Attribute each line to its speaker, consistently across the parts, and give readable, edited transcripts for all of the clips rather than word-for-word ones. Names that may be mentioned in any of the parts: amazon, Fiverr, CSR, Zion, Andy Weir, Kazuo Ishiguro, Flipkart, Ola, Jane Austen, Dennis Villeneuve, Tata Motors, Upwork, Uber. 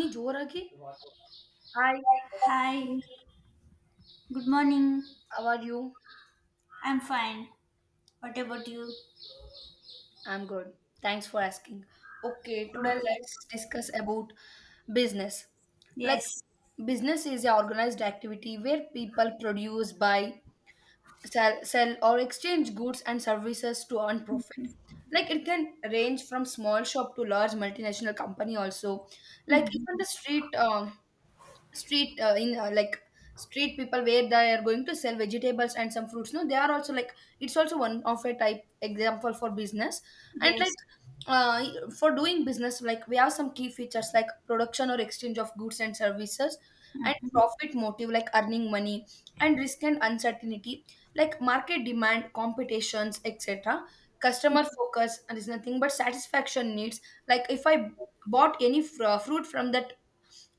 Speaker 1: Me Joragi. Hi,
Speaker 2: Hi, good morning.
Speaker 1: how are you?
Speaker 2: I'm fine. What about you?
Speaker 1: I'm good. Thanks for asking. Okay, today
Speaker 2: Okay.
Speaker 1: let's discuss about business. Like
Speaker 2: Yes.
Speaker 1: Business is an organized activity where people produce, buy, sell or exchange goods and services to earn profit. Like it can range from small shop to large multinational company also. Like
Speaker 2: Hmm.
Speaker 1: even the street street in like street people where they are going to sell vegetables and some fruits no they are also like it's also one of a type example for business. And
Speaker 2: Yes.
Speaker 1: uh, for doing business like we have some key features like production or exchange of goods and services, and
Speaker 2: Hmm.
Speaker 1: profit motive like earning money, and risk and uncertainty like market demand competitions etc, customer focus and is nothing but satisfaction needs. Like if I bought any fruit from that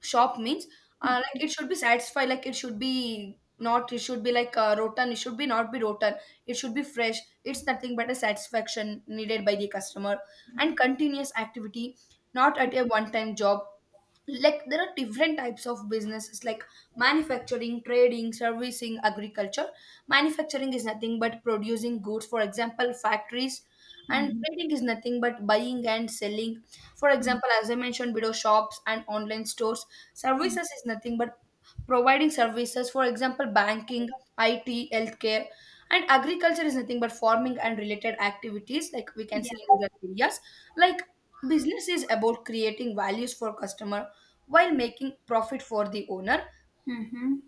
Speaker 1: shop means like it should be satisfied, like it should be not, it should be like rotten, it should be not be rotten, it should be fresh. It's nothing but a satisfaction needed by the customer, and continuous activity, not at a one time job. Like there are different types of businesses like manufacturing, trading, servicing, agriculture. Manufacturing is nothing but producing goods, for example factories. And
Speaker 2: Hmm.
Speaker 1: trading is nothing but buying and selling, for
Speaker 2: Hmm.
Speaker 1: example as I mentioned below, shops and online stores. Services is nothing but providing services, for example, banking, IT, healthcare, and agriculture is nothing but farming and related activities, like we can
Speaker 2: Yeah.
Speaker 1: see in rural areas. Like business is about creating values for customer while making profit for the owner.
Speaker 2: Hmm.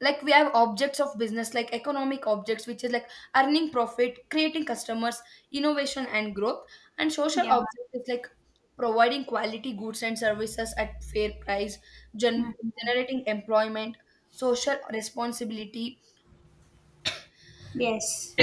Speaker 1: Like we have objects of business like economic objects which is like earning profit, creating customers, innovation and growth. And social
Speaker 2: Yeah.
Speaker 1: object is like providing quality goods and services at fair price,
Speaker 2: Hmm.
Speaker 1: gen- generating employment, social responsibility.
Speaker 2: Yes.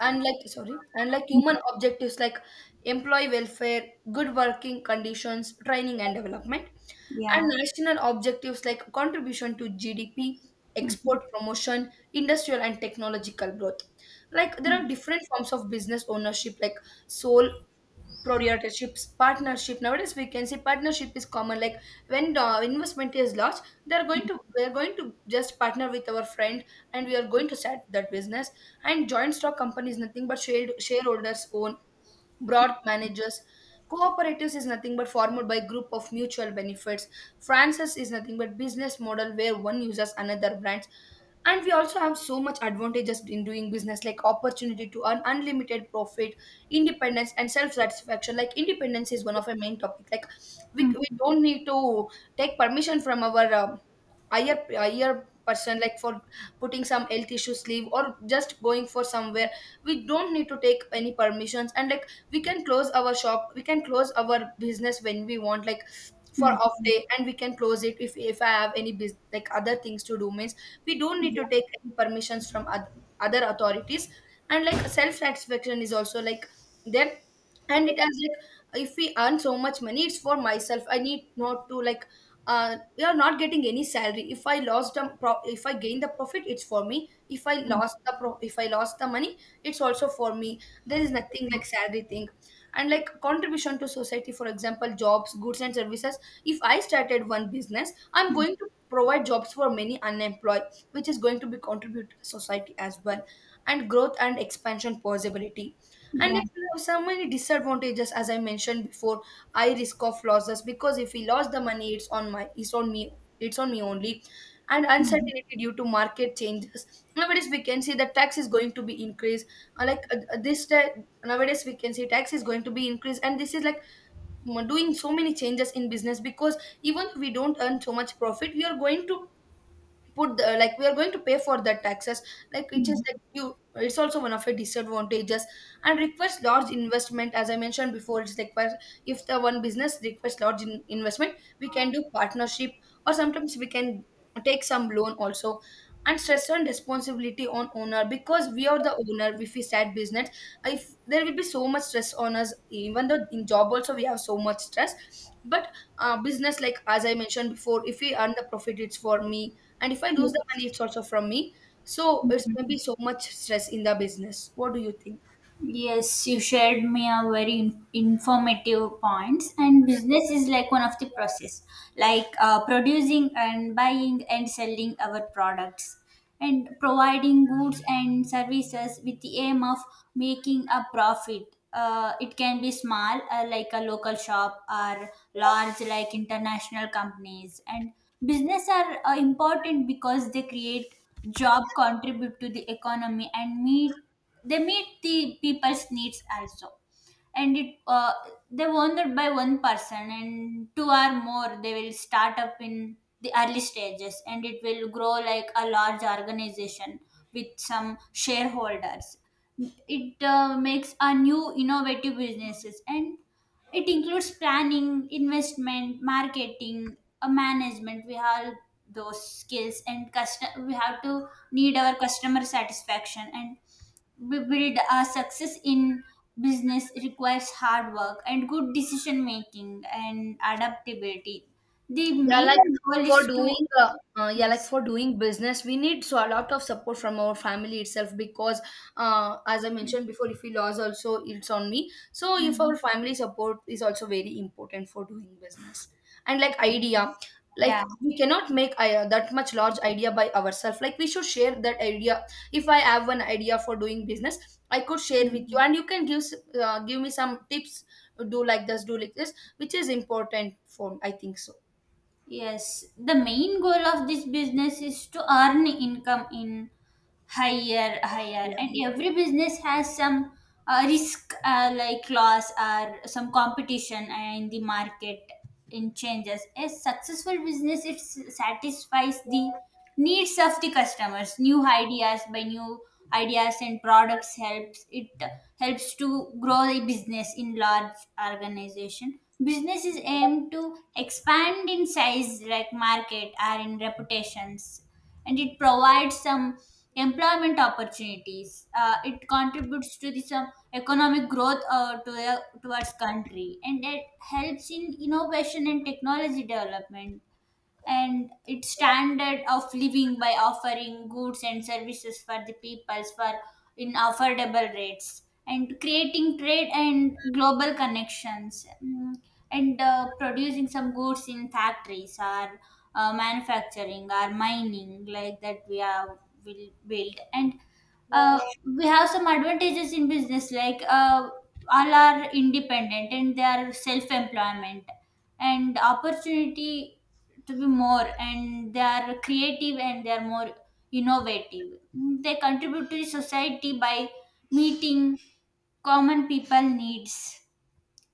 Speaker 1: And like sorry, and like human objectives like employee welfare, good working conditions, training and development. And
Speaker 2: Yeah.
Speaker 1: national objectives like contribution to GDP, export
Speaker 2: Hmm.
Speaker 1: promotion, industrial and technological growth. Like there
Speaker 2: Hmm.
Speaker 1: are different forms of business ownership, like sole proprietorships, partnership. Nowadays we can say partnership is common. Like when the investment is large, they're going to we're going to just partner with our friend and we are going to start that business. And joint stock company is nothing but share, shareholders own broad managers. Cooperatives is nothing but formed by group of mutual benefits. Franchise is nothing but business model where one uses another brands. And we also have so much advantages in doing business like opportunity to earn unlimited profit, independence and self-satisfaction. Like independence is one of our main topic. Like we don't need to take permission from our higher person like for putting some health issues leave or just going for somewhere. We don't need to take any permissions. And like we can close our shop, we can close our business when we want, like
Speaker 2: Yeah.
Speaker 1: for off day, and we can close it if I have any bus like other things to do means we don't need to take any permissions from other authorities. And like self satisfaction is also like there, and it has like if we earn so much money it's for myself. I need not to like we are not getting any salary. If I if I gain the profit it's for me. If I if I lost the money, it's also for me. There is nothing like salary thing. And like contribution to society, for example jobs, goods and services. If I started one business, I'm going to provide jobs for many unemployed, which is going to be contribute to society as well. And growth and expansion possibility. And
Speaker 2: Yeah.
Speaker 1: like, there are so many disadvantages as I mentioned before. I risk of losses because if we lost the money it's on me, it's on me only. And
Speaker 2: Hmm.
Speaker 1: uncertainty due to market changes. Nowadays we can see that tax is going to be increased. uh, like uh, uh, this ta- Nowadays we can see tax is going to be increased and this is like doing so many changes in business because even if we don't earn so much profit we are going to put the, like we are going to pay for that taxes, like which is
Speaker 2: Hmm.
Speaker 1: like you, it's also one of the disadvantages. And requires large investment, as I mentioned before, it's like if the one business requests large investment, we can do partnership or sometimes we can take some loan also. And stress and responsibility on owner, because we are the owner. If we start business, if there will be so much stress on us even though in job also we have so much stress. But business like, as I mentioned before, if we earn the profit it's for me, and if I lose the money,
Speaker 2: Yes.
Speaker 1: it's also from me. So it's going to
Speaker 2: Mm-hmm.
Speaker 1: be so much stress in the business. What do you think?
Speaker 2: Yes, you shared me a very informative points, and business is like one of the process, like producing and buying and selling our products and providing goods and services with the aim of making a profit. It can be small, like a local shop, or large, like international companies. And business are important because they create job, contribute to the economy, and meet they meet the people's needs also. And it, they wanted by one person and two or more, they will start up in the early stages, and it will grow like a large organization with some shareholders. It makes a new innovative businesses, and it includes planning, investment, marketing, management. We have those skills, and custom, we have to need our customer satisfaction and build a success in business. Requires hard work and good decision making and adaptability. The
Speaker 1: Yeah,
Speaker 2: main
Speaker 1: like
Speaker 2: goal
Speaker 1: for
Speaker 2: is to,
Speaker 1: doing for doing business we need so a lot of support from our family itself because as I mentioned before if we lose also it's on me. So if our
Speaker 2: mhm,
Speaker 1: family support is also very important for doing business. And like idea, like
Speaker 2: yeah,
Speaker 1: we cannot make that much large idea by ourselves. Like we should share that idea. If I have an idea for doing business, I could share with you and you can give give me some tips, do like this, do like this, which is important for I think so.
Speaker 2: yes, the main goal of this business is to earn income in higher,
Speaker 1: Yeah,
Speaker 2: and
Speaker 1: yeah.
Speaker 2: every business has some risk, like loss or some competition in the market, in changes. A successful business, it satisfies the needs of the customers, new ideas by new ideas and products, helps it, helps to grow the business in large organization. Business is aimed to expand in size, like market or in reputations, and it provides some employment opportunities. It contributes to the some economic growth towards country, and it helps in innovation and technology development, and its standard of living by offering goods and services for the peoples for in affordable rates and creating trade and global connections. Mm. And producing some goods in factories or manufacturing or mining, like that we are, will build and uh, we have some advantages in business, like all are independent and they are self-employment and opportunity to be more, and they are creative and they are more innovative. They contribute to the society by meeting common people needs.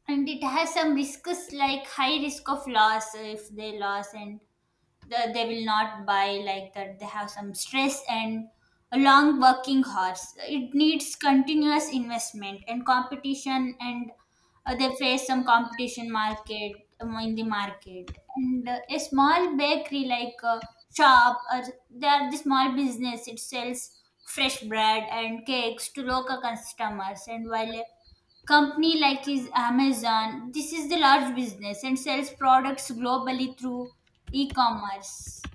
Speaker 2: And it has some risks, like high risk of loss if they loss and they will not buy like that. They have some stress and a long working hours. It needs continuous investment and competition, and they face some competition market, in the market. And a small bakery, like a shop, or they are the small business, it sells fresh bread and cakes to local customers, and while a company like is Amazon, this is the large business and sells products globally through e-commerce.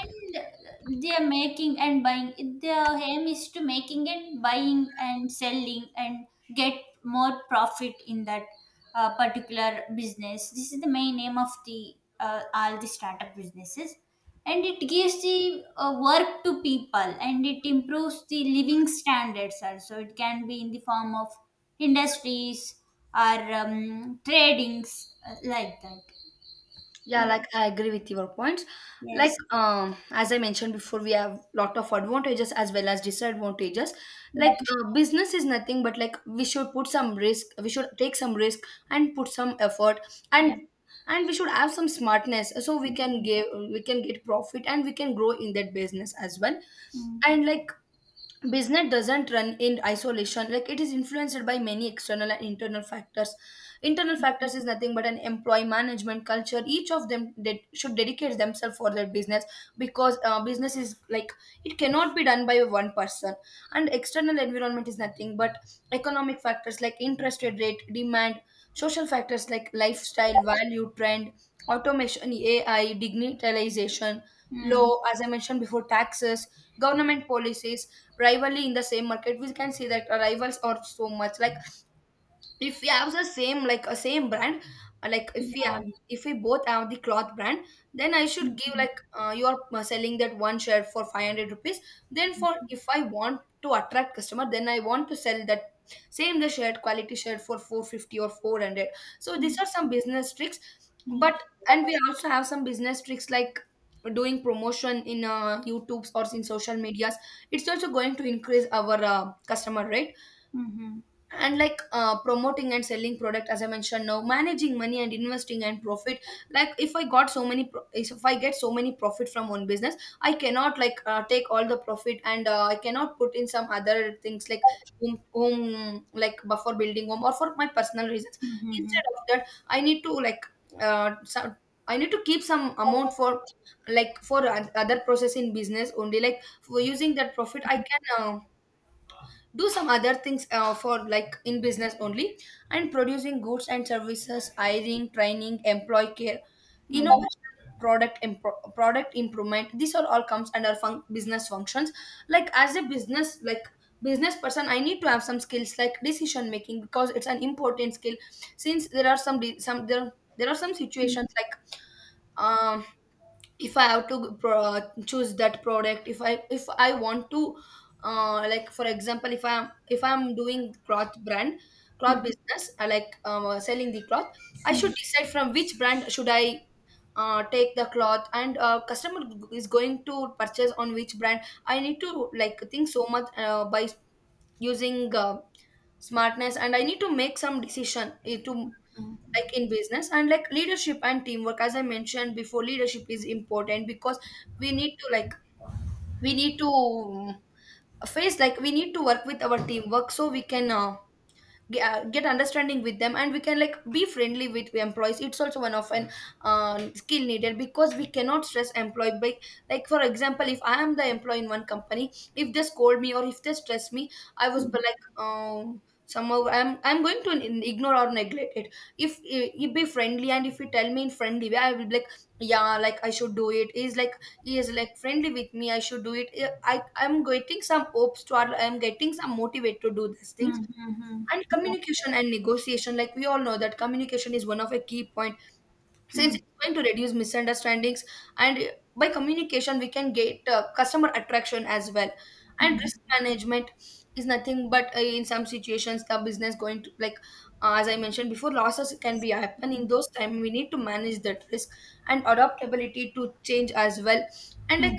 Speaker 2: And they are making and buying, their aim is to making and buying and selling and get more profit in that particular business. This is the main aim of the all the startup businesses. And it gives the work to people, and it improves the living standards also. It can be in the form of industries or tradings, like that.
Speaker 1: Yeah, like I agree with your points. Like
Speaker 2: Yes.
Speaker 1: as I mentioned before, we have lot of advantages as well as disadvantages. Like
Speaker 2: Yeah.
Speaker 1: business is nothing but like we should put some risk, we should take some risk, and put some effort,
Speaker 2: Yeah.
Speaker 1: and we should have some smartness so we can
Speaker 2: Mhm.
Speaker 1: give we can get profit and we can grow in that business as well.
Speaker 2: Mm.
Speaker 1: And like business doesn't run in isolation, like it is influenced by many external and internal factors. Internal factors is nothing but an employee management culture, each of them that should dedicate themselves for their business, because business is like it cannot be done by one person. And external environment is nothing but economic factors like interest rate demand, social factors like lifestyle value trend, automation, ai, digitalization,
Speaker 2: Mm,
Speaker 1: law, as I mentioned before, taxes, government policies, rivalry in the same market. We can see that rivals are so much like if we have the same like a same brand, uh, like if we have,
Speaker 2: yeah.
Speaker 1: if we both have the cloth brand, then I should give
Speaker 2: Mhm.
Speaker 1: like you are selling that one shirt for 500 rupees, then for if I want to attract customer then I want to sell that same the shirt quality shirt for 450 or 400. So these
Speaker 2: Mm,
Speaker 1: are some business tricks, but and we also have some business tricks like doing promotion in youtubes or in social medias, it's also going to increase our customer right.
Speaker 2: mhm.
Speaker 1: And like promoting and selling product as I mentioned now, managing money and investing and profit. Like if I got so many pro- if I get so many profit from one business, I cannot like take all the profit and I cannot put in some other things like home like for building home or for my personal reasons.
Speaker 2: Mhm.
Speaker 1: Instead of that I need to like uh, some, I need to keep some amount for like for other process in business only. Like for using that profit I can do some other things for like in business only. And producing goods and services, hiring, training, employee care, innovation, product improvement, these are all comes under business functions. Like as a business person I need to have some skills like decision making because it's an important skill. Since there are some de- some there, there are some situations like um if I have to choose that product. If I, if I want to like for example if I'm doing cloth
Speaker 2: Mm.
Speaker 1: business, I like selling the cloth, I should decide from which brand should I take the cloth and customer is going to purchase on which brand. I need to like think so much by using smartness and I need to make some decision to like in business. And like leadership and teamwork, as I mentioned before, leadership is important because we need to like we need to face like we need to work with our teamwork so we can get understanding with them and we can like be friendly with the employees. It's also one of an skill needed because we cannot stress employee by like for example if I am The employee in one company, if they scold me or if they stress me, I was be like somehow I'm going to ignore or neglect it. If you be friendly and if you tell me in friendly way, I will be like yeah, like I should do it. Is like he is like friendly with me, I should do it. I'm getting some hopes to, or I'm getting some motivate to do these things.
Speaker 2: Hmm.
Speaker 1: And communication and negotiation, like we all know that communication is one of a key point, since it's going to reduce misunderstandings. And By communication, we can get customer attraction as well. And
Speaker 2: Mm,
Speaker 1: risk management is nothing but, in some situations the business going to like, as I mentioned before, losses can be happen. In those time we need to manage that risk. And adaptability to change as well. And like,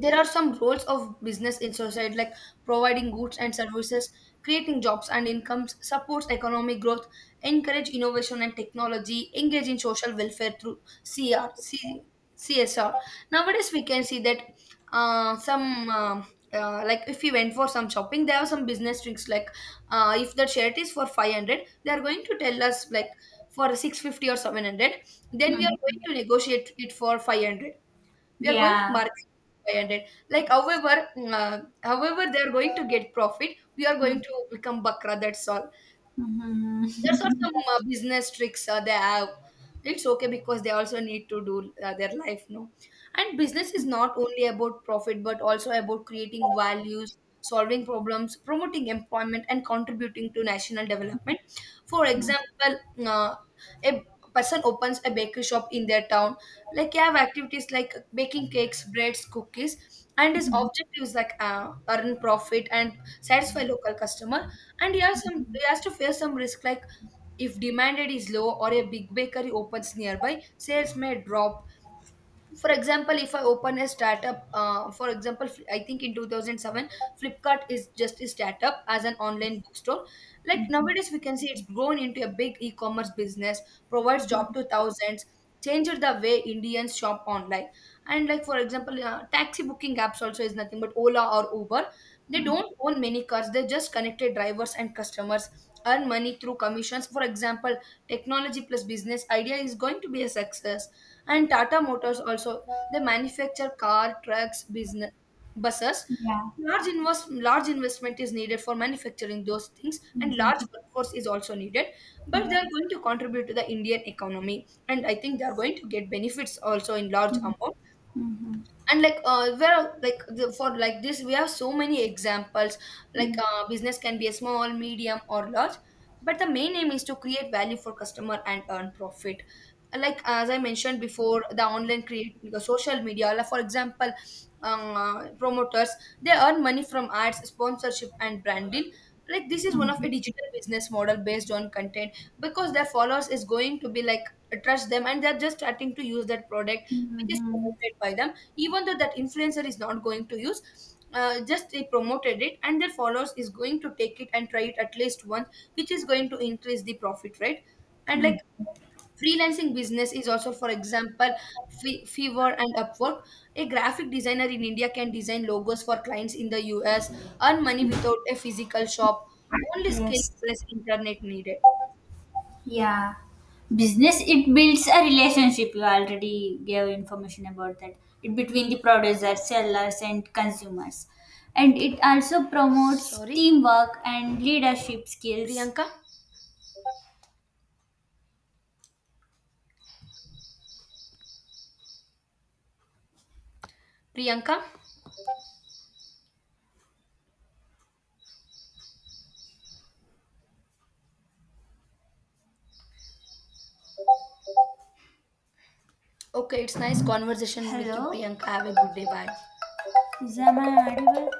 Speaker 1: there are some roles of business in society, like providing goods and services, creating jobs and incomes, supports economic growth, encourage innovation and technology, engage in social welfare through CR, CSR. Nowadays, we can see that some like if we went for some shopping, there are some business tricks like, if the shirt is for 500, they are going to tell us like for 650 or 700, then we are going
Speaker 2: mhm.
Speaker 1: to negotiate it for 500. We are going to
Speaker 2: Yeah.
Speaker 1: market 500. Like, however, they are going to get profit, we are going
Speaker 2: Mm,
Speaker 1: to become bakra, that's all. That's what
Speaker 2: mhm.
Speaker 1: some business tricks they have. It's okay because they also need to do their life, no? And business is not only about profit, but also about creating values, solving problems, promoting employment, and contributing to national development. For example, uh, a person opens a bakery shop in their town. Like, you have activities like baking cakes, breads, cookies. And his objective is like, earn profit and satisfy local customer. And he has to face some risk, like if demand is low or a big bakery opens nearby, sales may drop. For example, if I open a startup, for example, I think in 2007, Flipkart is just a startup as an online bookstore. Like,
Speaker 2: Mm,
Speaker 1: nowadays we can see it's grown into a big e-commerce business, provides job to thousands, changed the way Indians shop online. And like, for example, taxi booking apps also is nothing but Ola or Uber. They
Speaker 2: mhm.
Speaker 1: don't own many cars, they just connected drivers and customers, earn money through commissions. For example, technology plus business idea is going to be a success. And Tata Motors also, they manufacture car, trucks business, buses.
Speaker 2: Yeah.
Speaker 1: Large investment is needed for manufacturing those
Speaker 2: Mm, mhm.
Speaker 1: things,
Speaker 2: Mm,
Speaker 1: and
Speaker 2: mhm. Mm, mhm. Yeah.
Speaker 1: large
Speaker 2: Mhm.
Speaker 1: workforce is also needed. But they
Speaker 2: Yeah.
Speaker 1: are going to contribute to the Indian economy, and I think they are going to get benefits also in large
Speaker 2: Mm,
Speaker 1: amount.
Speaker 2: mhm.
Speaker 1: And like, there like the, for like this, we have so many examples. Like,
Speaker 2: Mm,
Speaker 1: business can be a small, medium or large, but the main aim is to create value for customer and earn profit. Like, as I mentioned before, the online create the social media, like for example, promoters, they earn money from ads, sponsorship and branding. Like, this is one of
Speaker 2: mhm.
Speaker 1: a digital business model based on content, because their followers is going to be like trust them, and they're just starting to use that product which is
Speaker 2: Mhm.
Speaker 1: promoted by them. Even though that influencer is not going to use, just they promoted it and their followers is going to take it and try it at least once, which is going to increase the profit, right? And like,
Speaker 2: Mm.
Speaker 1: freelancing business is also, for example, Fever and Upwork, a graphic designer in India can design logos for clients in the US, earn money without a physical shop, only skill
Speaker 2: Yes.
Speaker 1: plus internet needed.
Speaker 2: Yeah. Business, it builds a relationship. You already gave information about that. It between the producers, sellers, and consumers. And it also promotes
Speaker 1: Sorry,
Speaker 2: teamwork and leadership skills.
Speaker 1: Priyanka. Priyanka. Okay, it's nice conversation with you,
Speaker 2: Hello?
Speaker 1: Priyanka. Have a good day, bye.
Speaker 2: Is am I audible?